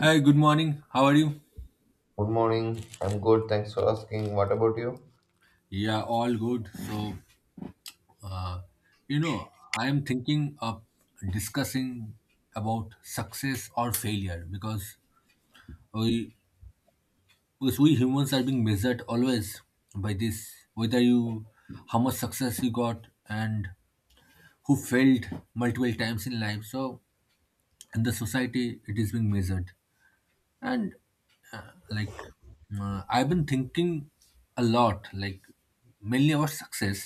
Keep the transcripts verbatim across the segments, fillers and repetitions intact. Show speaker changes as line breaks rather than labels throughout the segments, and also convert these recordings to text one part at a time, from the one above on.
Hi, good morning. How are you?
Good morning. I'm good. Thanks for asking. What about you?
Yeah, all good. So, you know, I am thinking of discussing about success or failure because we because we humans are being measured always by this. Whether you How much success you got, and who failed multiple times in life. So, in the society, it is being measured. And uh, like uh, I've been thinking a lot, like mainly about success,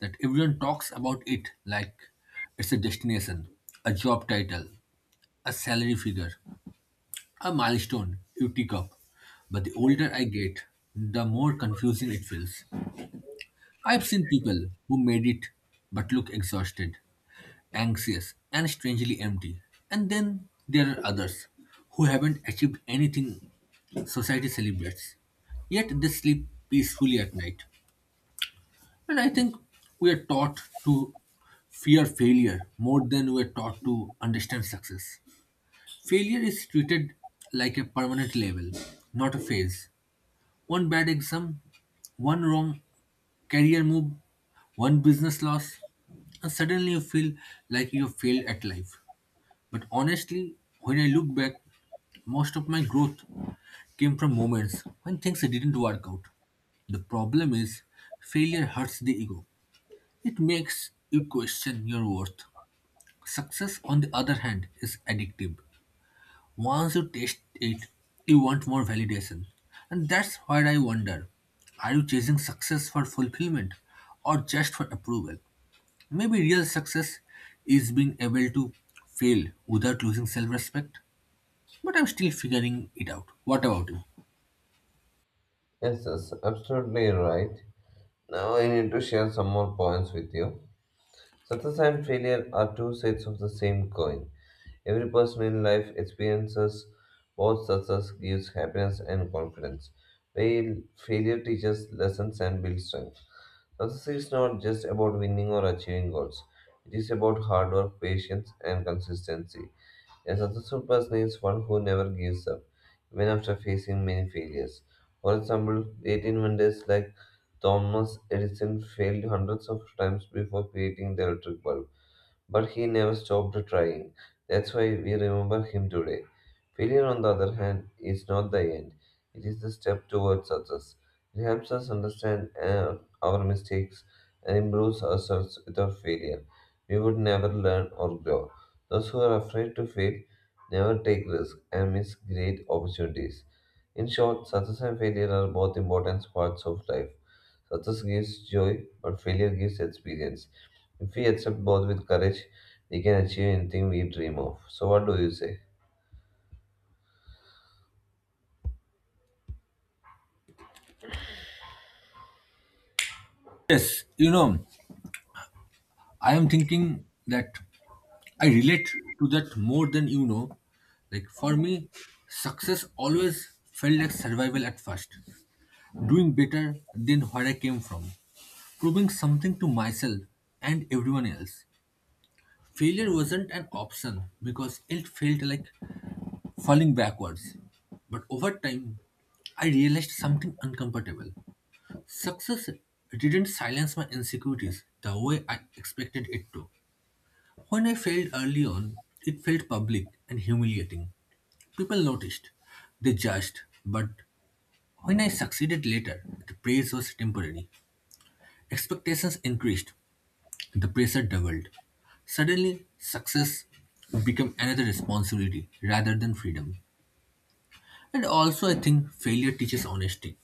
that everyone talks about it like it's a destination, a job title, a salary figure, a milestone you tick up. But the older I get, the more confusing it feels. I've seen people who made it but look exhausted, anxious, and strangely empty. And then there are others who haven't achieved anything society celebrates, yet they sleep peacefully at night. And I think we are taught to fear failure more than we are taught to understand success. Failure is treated like a permanent label, not a phase. One bad exam, one wrong career move, one business loss, and suddenly you feel like you have failed at life. But honestly, when I look back, most of my growth came from moments when things didn't work out. The problem is, failure hurts the ego. It makes you question your worth. Success, on the other hand, is addictive. Once you taste it, you want more validation. And that's where I wonder, are you chasing success for fulfillment or just for approval? Maybe real success is being able to fail without losing self respect, but I'm still figuring it out. What about you?
Yes, that's absolutely right. Now I need to share some more points with you. Success and failure are two sides of the same coin. Every person in life experiences both success gives happiness and confidence, while failure teaches lessons and builds strength. Success is not just about winning or achieving goals. It is about hard work, patience, and consistency. A successful person is one who never gives up, even after facing many failures. For example, great inventors like Thomas Edison failed hundreds of times before creating the electric bulb. But he never stopped trying. That's why we remember him today. Failure, on the other hand, is not the end, it is the step towards success. It helps us understand uh, our mistakes and improves ourselves without failure. We would never learn or grow. Those who are afraid to fail never take risks and miss great opportunities. In short, success and failure are both important parts of life. Success gives joy, but failure gives experience. If we accept both with courage, we can achieve anything we dream of. So, what do you say?
Yes, you know, I am thinking that I relate to that more than you know. Like, for me, success always felt like survival at first: doing better than where I came from, proving something to myself and everyone else. Failure wasn't an option because it felt like falling backwards. But over time, I realized something uncomfortable. Success didn't silence my insecurities the way I expected it to. When I failed early on, it felt public and humiliating. People noticed, they judged, but when I succeeded later, the praise was temporary. Expectations increased, the pressure doubled. Suddenly, success became another responsibility rather than freedom. And also, I think failure teaches honesty.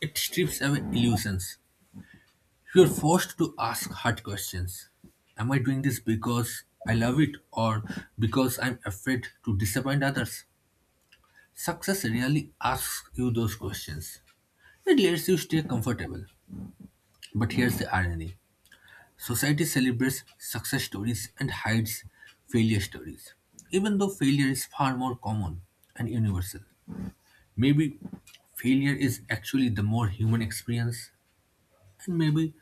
It strips away illusions. You are forced to ask hard questions. Am I doing this because I love it, or because I'm afraid to disappoint others? Success rarely asks you those questions. It lets you stay comfortable. But here's the irony: society celebrates success stories and hides failure stories, even though failure is far more common and universal. Maybe failure is actually the more human experience, and maybe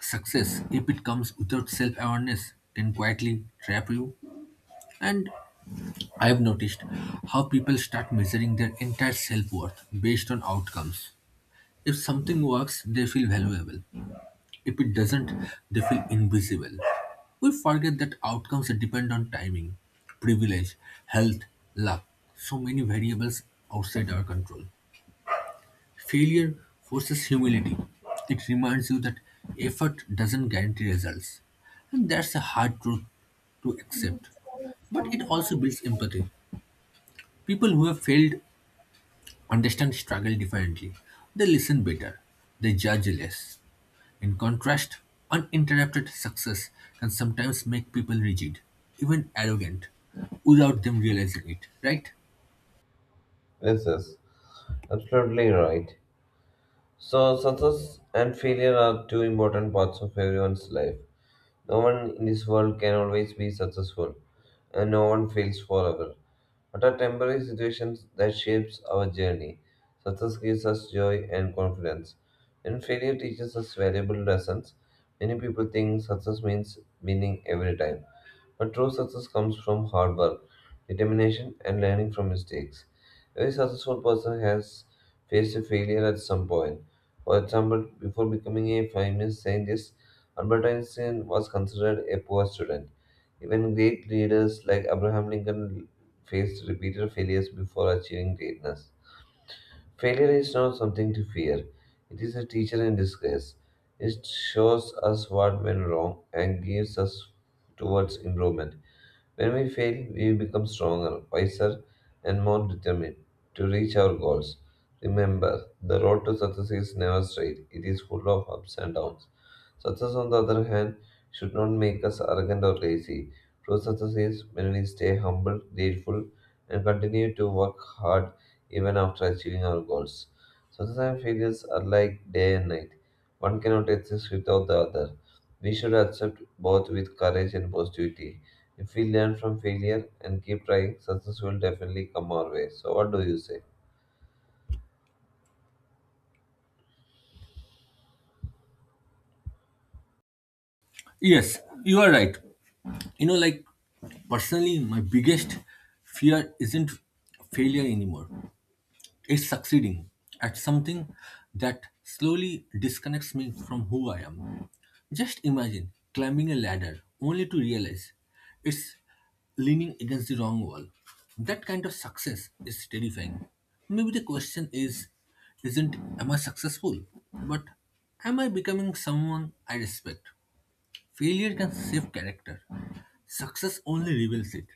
success, if it comes without self awareness, can quietly trap you. And I've noticed how people start measuring their entire self worth based on outcomes. If something works, they feel valuable. If it doesn't, they feel invisible. We forget that outcomes depend on timing, privilege, health, luck, so many variables outside our control. Failure forces humility. It reminds you that effort doesn't guarantee results. And that's a hard truth to accept.
Yes,
But it also builds empathy. People who have failed understand struggle differently. They listen better. They judge less. In contrast, uninterrupted success can sometimes make people rigid, even arrogant, without them realizing it, right?
yes, absolutely right. So, success and failure are two important parts of everyone's life. No one in this world can always be successful, and no one fails forever. What are temporary situations that shapes our journey? Success gives us joy and confidence, and failure teaches us valuable lessons. Many people think success means winning every time, but true success comes from hard work, determination, and learning from mistakes. Every successful person has faced a failure at some point, for example, before becoming a famous scientist, Albert Einstein was considered a poor student. Even great leaders like Abraham Lincoln faced repeated failures before achieving greatness. Failure is not something to fear, it is a teacher in disguise. It shows us what went wrong and gives us towards improvement. When we fail, we become stronger, wiser, and more determined to reach our goals. Remember, the road to success is never straight, it is full of ups and downs. Success, on the other hand, should not make us arrogant or lazy. True success is when we stay humble, grateful, and continue to work hard even after achieving our goals. Success and failures are like day and night. One cannot exist without the other. We should accept both with courage and positivity. If we learn from failure and keep trying, success will definitely come our way. So, what do you say?
Yes, you are right. You know, like personally, my biggest fear isn't failure anymore, it's succeeding at something that slowly disconnects me from who I am. Just imagine climbing a ladder only to realize it's leaning against the wrong wall. That kind of success is terrifying. Maybe the question is isn't, am I successful, but am I becoming someone I respect? Failure can save character. Success only reveals it.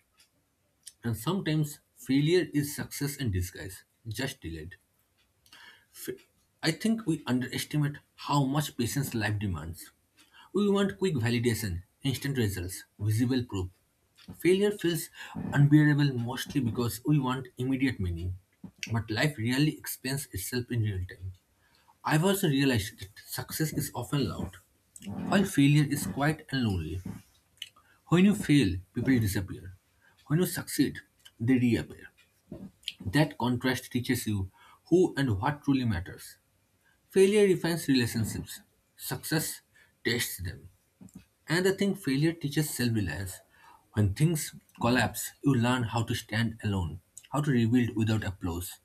And sometimes failure is success in disguise, just delayed. I think we underestimate how much patience life demands. We want quick validation, instant results, visible proof. Failure feels unbearable mostly because we want immediate meaning. But life rarely explains itself in real time. I've also realized that success is often loud, while failure is quiet and lonely. When you fail, people disappear. When you succeed, they reappear. That contrast teaches you who and what truly matters. Failure refines relationships, success tests them. And I think failure teaches self reliance. When things collapse, you learn how to stand alone, how to rebuild without applause.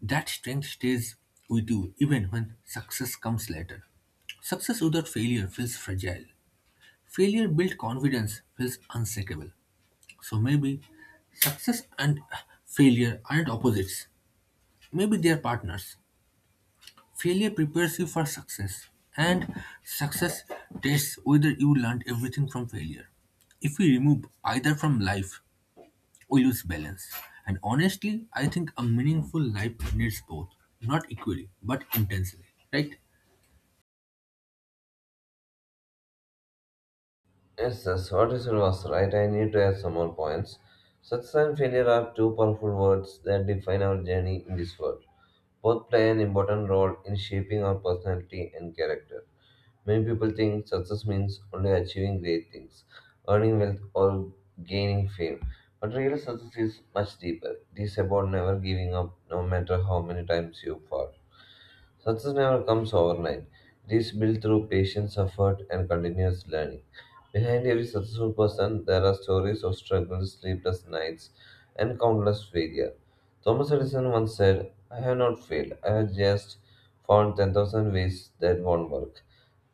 That strength stays with you even when success comes later. Success without failure feels fragile. Failure built confidence feels unshakable. So maybe success and failure aren't opposites, maybe they are partners. Failure prepares you for success, and success tests whether you learned everything from failure. If we remove either from life, we lose balance. And honestly, I think a meaningful life needs both, not equally, but intensely, right?
Yes, yes, what you said was right. I need to add some more points. Success and failure are two powerful words that define our journey in this world. Both play an important role in shaping our personality and character. Many people think success means only achieving great things, earning wealth, or gaining fame. But real success is much deeper. It is about never giving up, no matter how many times you fall. Success never comes overnight. It is built through patience, effort, and continuous learning. Behind every successful person, there are stories of struggles, sleepless nights, and countless failure. Thomas Edison once said, I have not failed, I have just found ten thousand ways that won't work.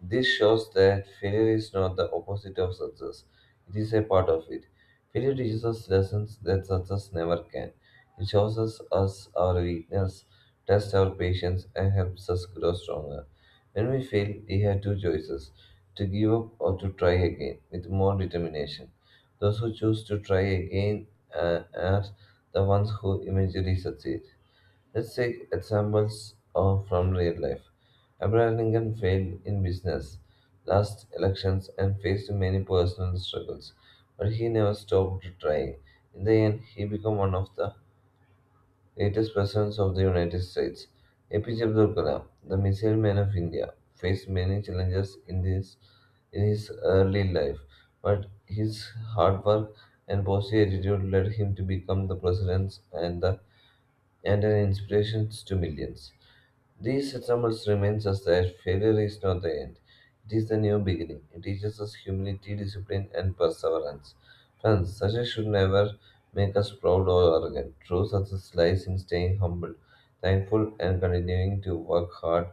This shows that failure is not the opposite of success, it is a part of it. Failure teaches us lessons that success never can. It shows us, us our weakness, tests our patience, and helps us grow stronger. When we fail, we have two choices to give up or to try again with more determination. Those who choose to try again uh, are the ones who eventually succeed. Let's take examples of, from real life. Abraham Lincoln failed in business, lost elections, and faced many personal struggles, but he never stopped trying. In the end, he became one of the greatest presidents of the United States. A P J Abdul Kalam, the missile man of India, faced many challenges in his, in his early life, but his hard work and positive attitude led him to become the president and the and an inspiration to millions. These examples reminds us that failure is not the end. It is the new beginning. It teaches us humility, discipline, and perseverance. Friends, success should never make us proud or arrogant. True success lies in staying humble, thankful, and continuing to work hard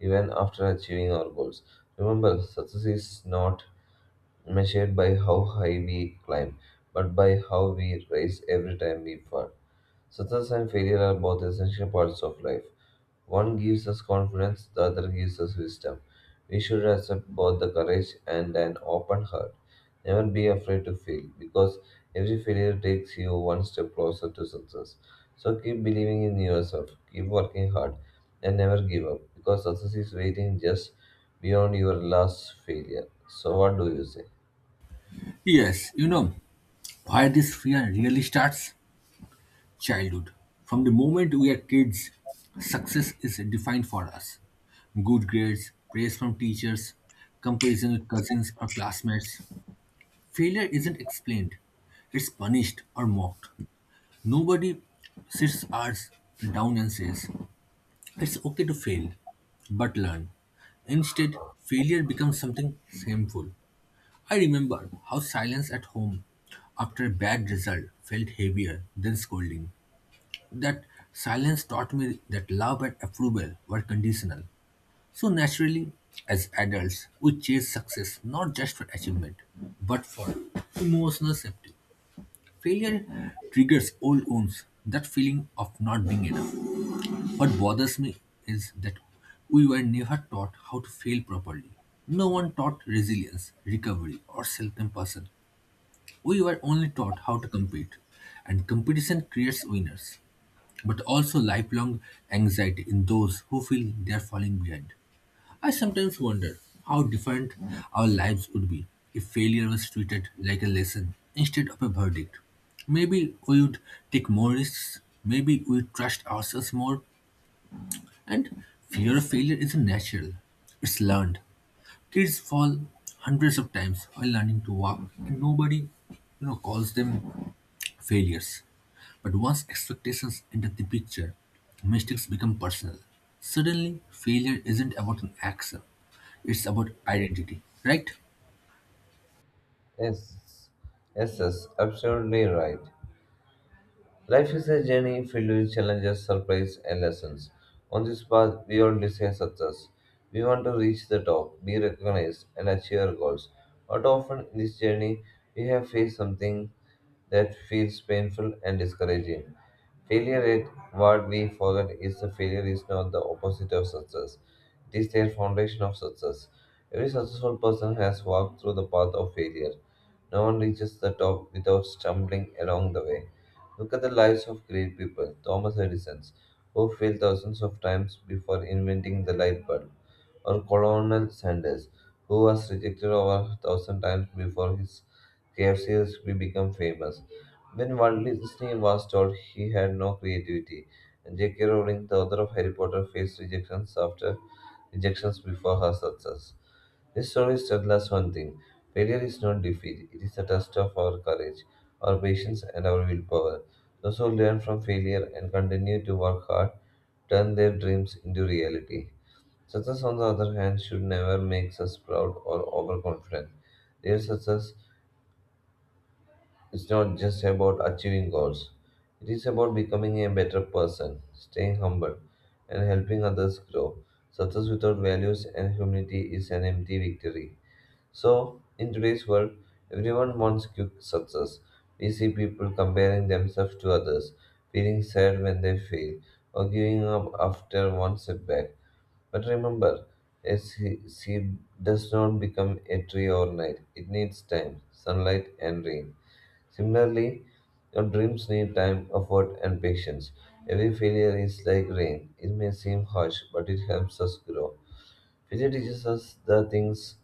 even after achieving our goals. Remember, success is not measured by how high we climb, but by how we rise every time we fall. Success and failure are both essential parts of life. One gives us confidence, the other gives us wisdom. We should accept both the courage and an open heart. Never be afraid to fail, because every failure takes you one step closer to success. So keep believing in yourself, keep working hard, and never give up, because success is waiting just beyond your last failure. So, what do you say?
Yes, you know, where this fear really starts? Childhood. From the moment we are kids, success is defined for us: good grades, praise from teachers, comparison with cousins or classmates. Failure isn't explained, it's punished or mocked. Nobody sits ours down and says, "It's okay to fail, but learn." Instead, failure becomes something shameful. I remember how silence at home after a bad result felt heavier than scolding. That silence taught me that love and approval were conditional. So naturally, as adults, we chase success not just for achievement, but for emotional safety. Failure triggers old wounds, that feeling of not being enough. What bothers me is that we were never taught how to fail properly. No one taught resilience, recovery, or self compassion. We were only taught how to compete. And competition creates winners, but also lifelong anxiety in those who feel they are falling behind. I sometimes wonder how different our lives would be if failure was treated like a lesson instead of a verdict. Maybe we would take more risks, maybe we would trust ourselves more. And fear of failure isn't natural, it's learned. Kids fall hundreds of times while learning to walk, and nobody, you know, calls them failures. But once expectations enter the picture, mistakes become personal. Suddenly, failure isn't about an action, it's about identity, right?
Yes, yes, yes, absolutely right. Life is a journey filled with challenges, surprise, and lessons. On this path, we all desire success. We want to reach the top, be recognized, and achieve our goals. But often in this journey, we have faced something that feels painful and discouraging. Failure, at what we forget, is the failure is not the opposite of success. It is their foundation of success. Every successful person has walked through the path of failure. No one reaches the top without stumbling along the way. Look at the lives of great people, Thomas Edison, who failed thousands of times before inventing the light bulb, or Colonel Sanders, who was rejected over a thousand times before his K F C recipe became famous. When Walt Disney was told he had no creativity, and J K. Rowling, the author of Harry Potter, faced rejections after rejections before her success. This story tells us one thing failure is not defeat, it is a test of our courage, our patience, and our willpower. Those who learn from failure and continue to work hard turn their dreams into reality. Success, on the other hand, should never make us proud or overconfident. Real success is not just about achieving goals, it is about becoming a better person, staying humble, and helping others grow. Success without values and humility is an empty victory. So, in today's world, everyone wants quick success. We see people comparing themselves to others, feeling sad when they fail, or giving up after one setback. But remember, a se- seed does not become a tree overnight. It needs time, sunlight, and rain. Similarly, your dreams need time, effort, and patience. Every failure is like rain. It may seem harsh, but it helps us grow. Failure teaches us the things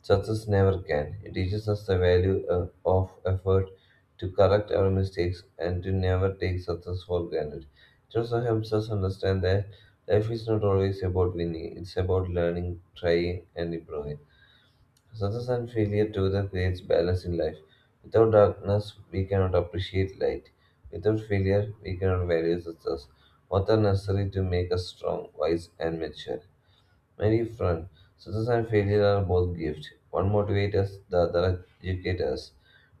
success never can. It teaches us the value uh, of effort to correct our mistakes and to never take success for granted. It also helps us understand that life is not always about winning, it's about learning, trying, and improving. Success and failure together creates balance in life. Without darkness, we cannot appreciate light. Without failure, we cannot value success. Both are necessary to make us strong, wise, and mature many front. Success and failure are both gifts. One motivates us, the other educates us.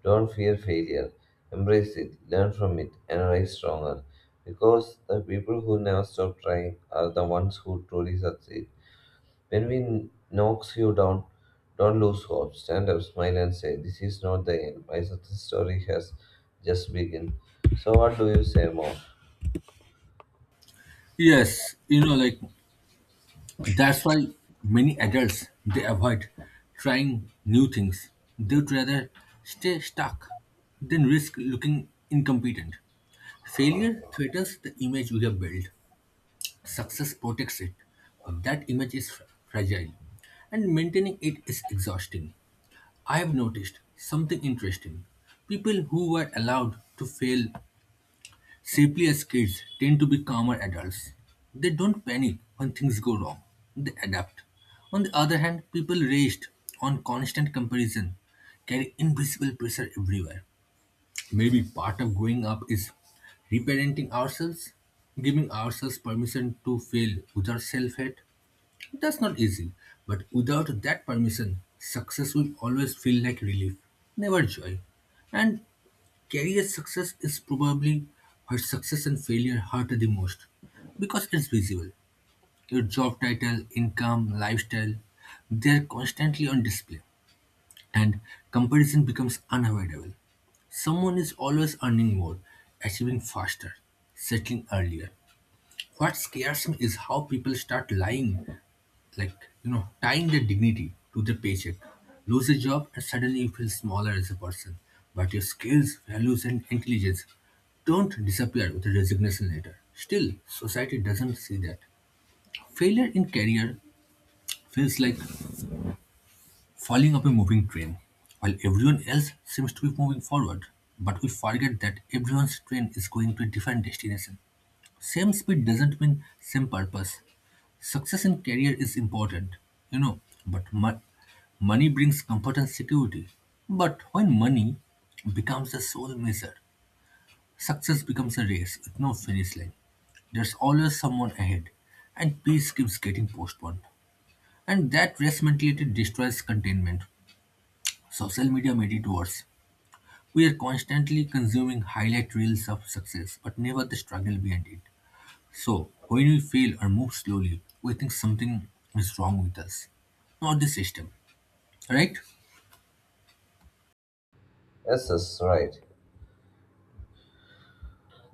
Don't fear failure. Embrace it, learn from it, and rise stronger. Because the people who never stop trying are the ones who truly succeed. When we knocks you down, don't lose hope. Stand up, smile, and say, "This is not the end. My success story has just begun." So, what do you say more?
Yes, you know, like that's why many adults, they avoid trying new things. They'd rather stay stuck than risk looking incompetent. Failure threatens the image we have built. Success protects it, but that image is fra- fragile, and maintaining it is exhausting. I've noticed something interesting. People who were allowed to fail safely as kids tend to be calmer adults. They don't panic when things go wrong, they adapt. On the other hand, people raised on constant comparison carry invisible pressure everywhere. Maybe part of growing up is reparenting ourselves, giving ourselves permission to fail without self hate. That's not easy, but without that permission, success will always feel like relief, never joy. And career success is probably where success and failure hurt the most because it's visible. Your job title, income, lifestyle, they're constantly on display, and comparison becomes unavoidable. Someone is always earning more, achieving faster, settling earlier. What scares me is how people start lying, like you know tying their dignity to their paycheck. Lose a job, and suddenly you feel smaller as a person. But your skills, values, and intelligence don't disappear with a resignation letter. Still, society doesn't see that. Failure in career feels like falling off a moving train while everyone else seems to be moving forward. But we forget that everyone's train is going to a different destination. Same speed doesn't mean same purpose. Success in career is important, you know, but mo- money brings comfort and security. But when money becomes the sole measure, success becomes a race with no finish line. There's always someone ahead, and peace keeps getting postponed. And that race mentality destroys containment. Social media made it worse. We are constantly consuming highlight reels of success, but never the struggle behind it. So, when we fail or move slowly, we think something is wrong with us, not the system, right?
Yes, that's right.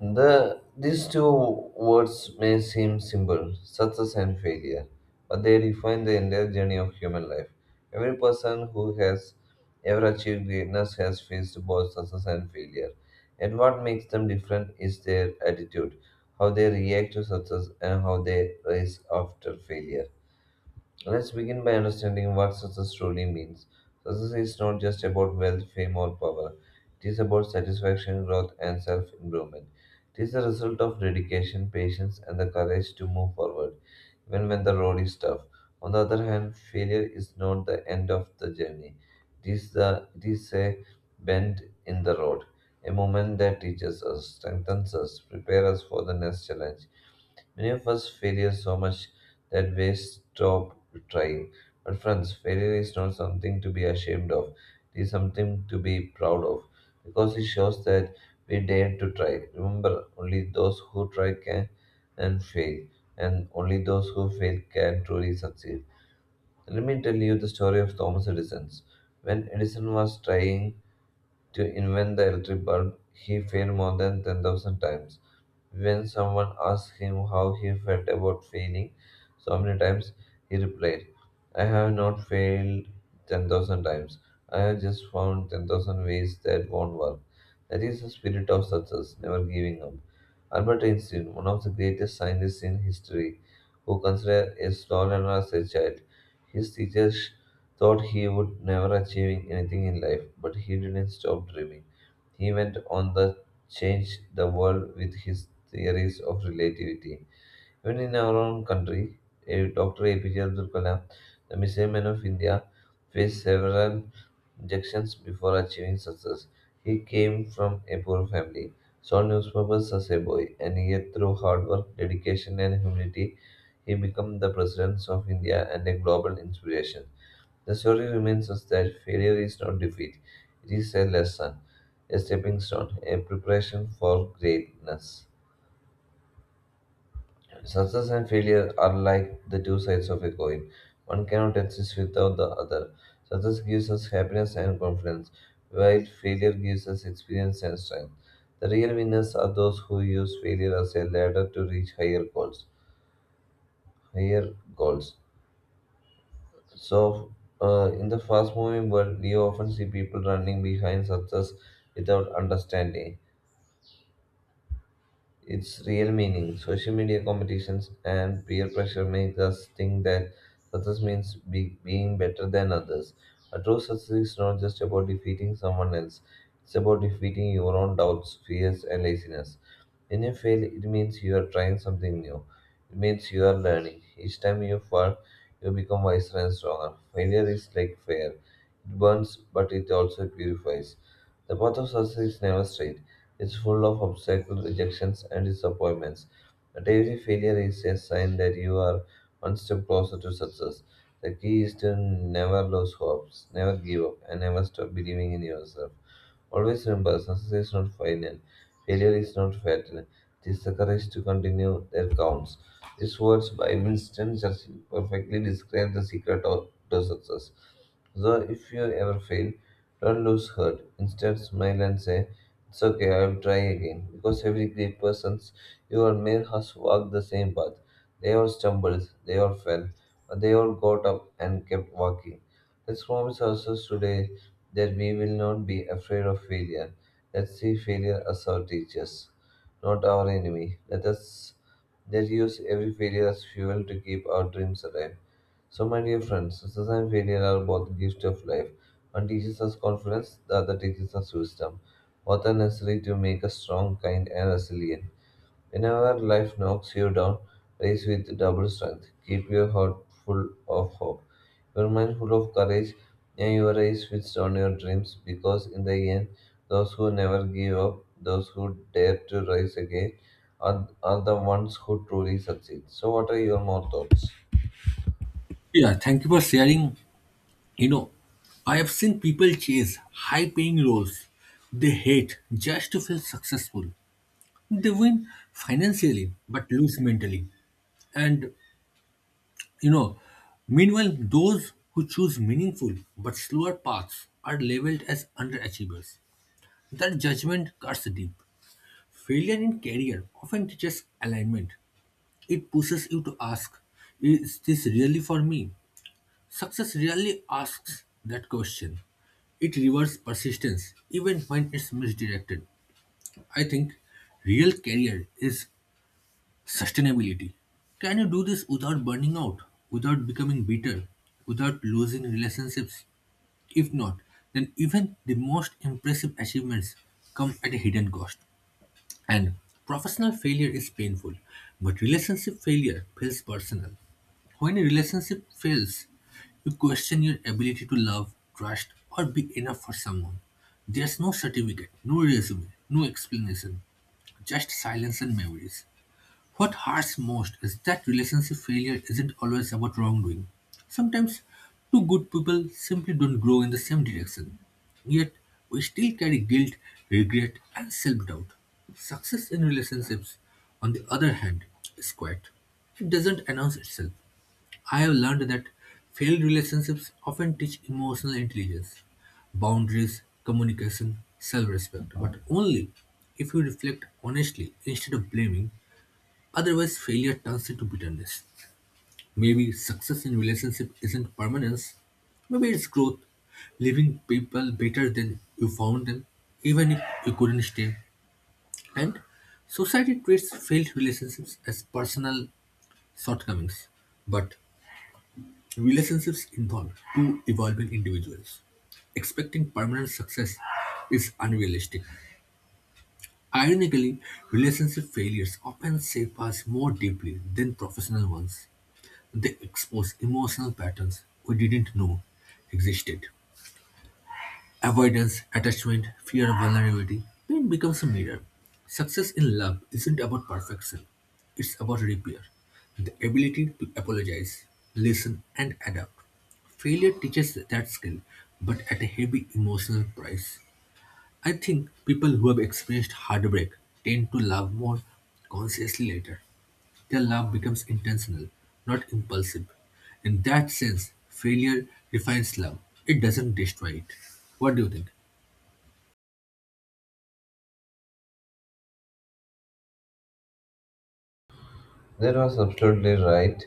The, these two words may seem simple, success and failure, but they define the entire journey of human life. Every person who has ever achieved greatness has faced both success and failure. And what makes them different is their attitude, how they react to success, and how they rise after failure. Let's begin by understanding what success truly means. Success is not just about wealth, fame, or power. It is about satisfaction, growth, and self improvement. It is the result of dedication, patience, and the courage to move forward, even when the road is tough. On the other hand, failure is not the end of the journey. It is, the, it is a bend in the road, a moment that teaches us, strengthens us, prepares us for the next challenge. Many of us failure so much that we stop trying. But friends, failure is not something to be ashamed of. It is something to be proud of because it shows that we dare to try. Remember, only those who try can and fail, and only those who fail can truly succeed. Let me tell you the story of Thomas Edison. When Edison was trying to invent the electric bulb, he failed more than ten thousand times. When someone asked him how he felt about failing so many times, he replied, I have not failed ten thousand times. I have just found ten thousand ways that won't work. That is the spirit of success, never giving up. Albert Einstein, one of the greatest scientists in history, who considered a small learner as a child, his teachers thought he would never achieving anything in life, but he didn't stop dreaming. He went on to change the world with his theories of relativity. Even in our own country, eh, doctor A P J Abdul Kalam, the missile man of India, faced several rejections before achieving success. He came from a poor family, saw newspapers as a boy, and yet through hard work, dedication, and humility, he became the president of India and a global inspiration. The story reminds us that failure is not defeat, it is a lesson, a stepping stone, a preparation for greatness. Success and failure are like the two sides of a coin. One cannot exist without the other. Success gives us happiness and confidence, while failure gives us experience and strength. The real winners are those who use failure as a ladder to reach higher goals. Higher goals. So, uh, in the fast moving world, we often see people running behind success without understanding its real meaning. Social media competitions and peer pressure make us think that success means be, being better than others. But true success is not just about defeating someone else, it's about defeating your own doubts, fears, and laziness. When you fail, it means you are trying something new. It means you are learning. Each time you fall, you become wiser and stronger. Failure is like fire. It burns, but it also purifies. The path of success is never straight. It's full of obstacles, rejections, and disappointments. But every failure is a sign that you are one step closer to success. The key is to never lose hopes, never give up, and never stop believing in yourself. Always remember, success is not final. Failure is not fatal. It is the courage to continue that counts. These words by Winston Churchill perfectly describe the secret of, to success. So if you ever fail, don't lose heart. Instead, smile and say, it's okay, I'll try again. Because every great person you admire has walked the same path. They all stumbled, they all fell, but they all got up and kept walking. Let's promise ourselves today that we will not be afraid of failure. Let's see failure as our teachers, not our enemy. Let us let use every failure as fuel to keep our dreams alive. So, my dear friends, success and failure are both gifts of life. One teaches us confidence, the other teaches us wisdom, both are necessary to make us strong, kind, and resilient. Whenever life knocks you down, rise with double strength. Keep your heart full of hope, your mind full of courage, and your eyes fixed on your dreams. Because in the end, those who never give up, those who dare to rise again, are, are the ones who truly succeed. So, what are your more thoughts?
Yeah, thank you for sharing. You know, I have seen people chase high paying roles they hate just to feel successful. They win financially but lose mentally. And, you know, meanwhile, those who choose meaningful but slower paths are labeled as underachievers. That judgment cuts deep. Failure in career often teaches alignment. It pushes you to ask, is this really for me? Success rarely asks that question. It rewards persistence even when it's misdirected. I think real career is sustainability. Can you do this without burning out, without becoming bitter, without losing relationships? If not, then even the most impressive achievements come at a hidden cost. And professional failure is painful, but relationship failure feels personal. When a relationship fails, you question your ability to love, trust, or be enough for someone. There's no certificate, no resume, no explanation, just silence and memories. What hurts most is that relationship failure isn't always about wrongdoing. Sometimes two good people simply don't grow in the same direction. Yet we still carry guilt, regret, and self doubt. Success in relationships, on the other hand, is quiet. It doesn't announce itself. I have learned that failed relationships often teach emotional intelligence, boundaries, communication, self respect, but only if you reflect honestly instead of blaming. Otherwise, failure turns into bitterness. Maybe success in relationship isn't permanence. Maybe it's growth, leaving people better than you found them, even if you couldn't stay. And society treats failed relationships as personal shortcomings, but relationships involve two evolving individuals. Expecting permanent success is unrealistic. Ironically, relationship failures often shape us more deeply than professional ones. They expose emotional patterns we didn't know existed: avoidance, attachment, fear of vulnerability. Pain becomes a mirror. Success in love isn't about perfection, it's about repair, the ability to apologize, listen, and adapt. Failure teaches that skill, but at a heavy emotional price. I think people who have experienced heartbreak tend to love more consciously later. Their love becomes intentional, not impulsive. In that sense, failure refines love, it doesn't destroy it. What do you think?
That was absolutely right.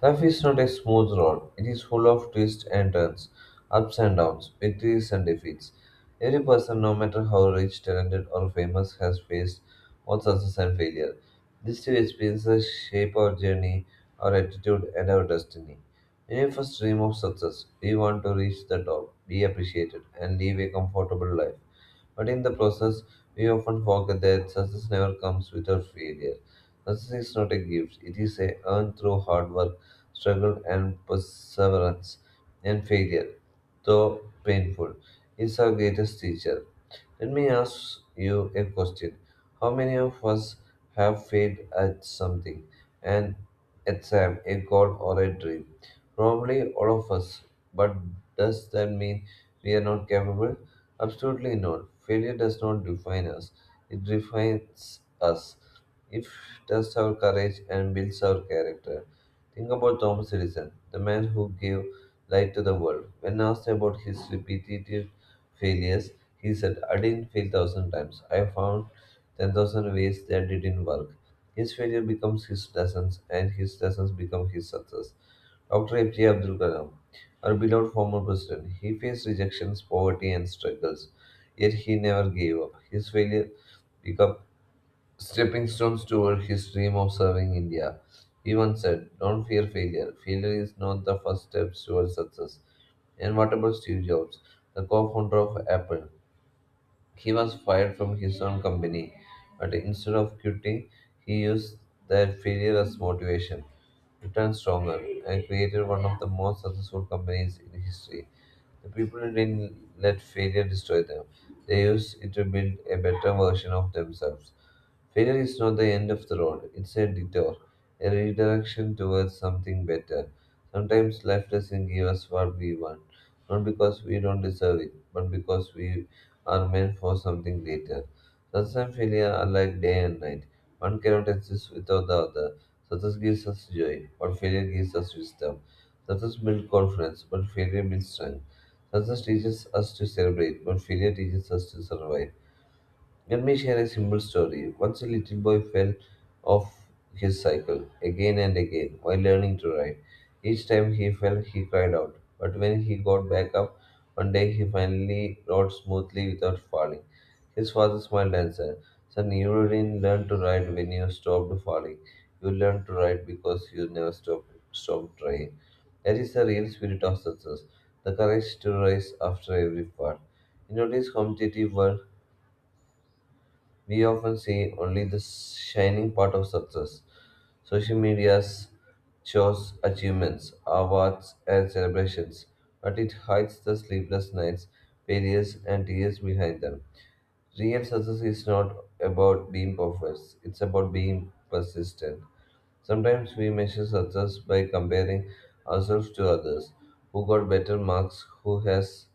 Life is not a smooth road. It is full of twists and turns, ups and downs, victories and defeats. Every person, no matter how rich, talented, or famous, has faced both success and failure. These two experiences shape our journey, our attitude, and our destiny. Many of us dream of success. We want to reach the top, be appreciated, and live a comfortable life. But in the process, we often forget that success never comes without failure. Success is not a gift, it is a earned through hard work, struggle, and perseverance. And failure, though painful, is our greatest teacher. Let me ask you a question. How many of us have failed at something? An exam, a goal, or a dream? Probably all of us. But does that mean we are not capable? Absolutely not. Failure does not define us, it defines us. It tests our courage and builds our character. Think about Thomas Edison, the man who gave light to the world. When asked about his repetitive failures, he said, I didn't fail thousand times. I found ten thousand ways that didn't work. His failure becomes his lessons, and his lessons become his success. doctor A P J Abdul Kalam, our beloved former president, he faced rejections, poverty, and struggles, yet he never gave up. His failure become stepping stones toward his dream of serving India. He once said, don't fear failure. Failure is not the first step towards success. And what about Steve Jobs, the co founder of Apple? He was fired from his own company, but instead of quitting, he used that failure as motivation, returned stronger, and created one of the most successful companies in history. The people didn't let failure destroy them, they used it to build a better version of themselves. Failure is not the end of the road, it's a detour, a redirection towards something better. Sometimes life doesn't give us what we want, not because we don't deserve it, but because we are meant for something greater. Success and failure are like day and night. One cannot exist without the other. Success gives us joy, but failure gives us wisdom. Success builds confidence, but failure builds strength. Success teaches us to celebrate, but failure teaches us to survive. Let me share a simple story. Once a little boy fell off his cycle again and again while learning to ride. Each time he fell, he cried out. But when he got back up, one day he finally rode smoothly without falling. His father smiled and said, son, you didn't learn to ride when you stopped falling. You learned to ride because you never stopped, stopped trying. That is the real spirit of success, the courage to rise after every fall. In today's competitive world, we often see only the shining part of success. Social media's shows achievements, awards, and celebrations, but it hides the sleepless nights, failures, and tears behind them. Real success is not about being perfect, it's about being persistent. Sometimes we measure success by comparing ourselves to others who got better marks, who has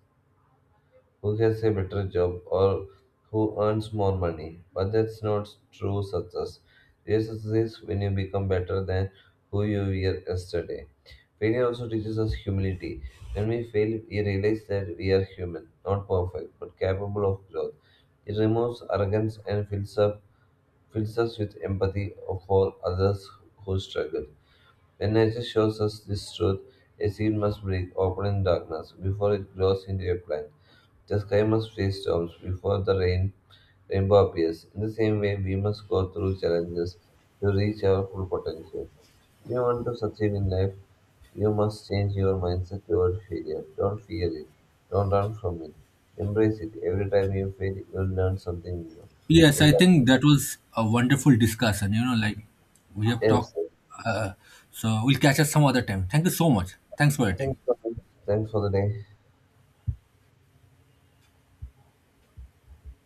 who gets a better job or who earns more money. But that's not true success. Real success is when you become better than who you were yesterday. Failure also teaches us humility. When we fail, we realize that we are human, not perfect, but capable of growth. It removes arrogance and fills up fills us with empathy for others who struggle. When nature shows us this truth, a seed must break open in darkness before it grows into a plant. The sky must face storms before the rain rainbow appears. In the same way, we must go through challenges to reach our full potential. If you want to succeed in life, you must change your mindset toward failure. Don't fear it. Don't run from it. Embrace it. Every time you fail, you will learn something new.
Yes,
Every
I
time—
think that was a wonderful discussion. You know, like we have talked.
yes.
Uh, so we'll catch up some other time. Thank you so much. Thanks for your time.
Thanks for, Thanks for the day.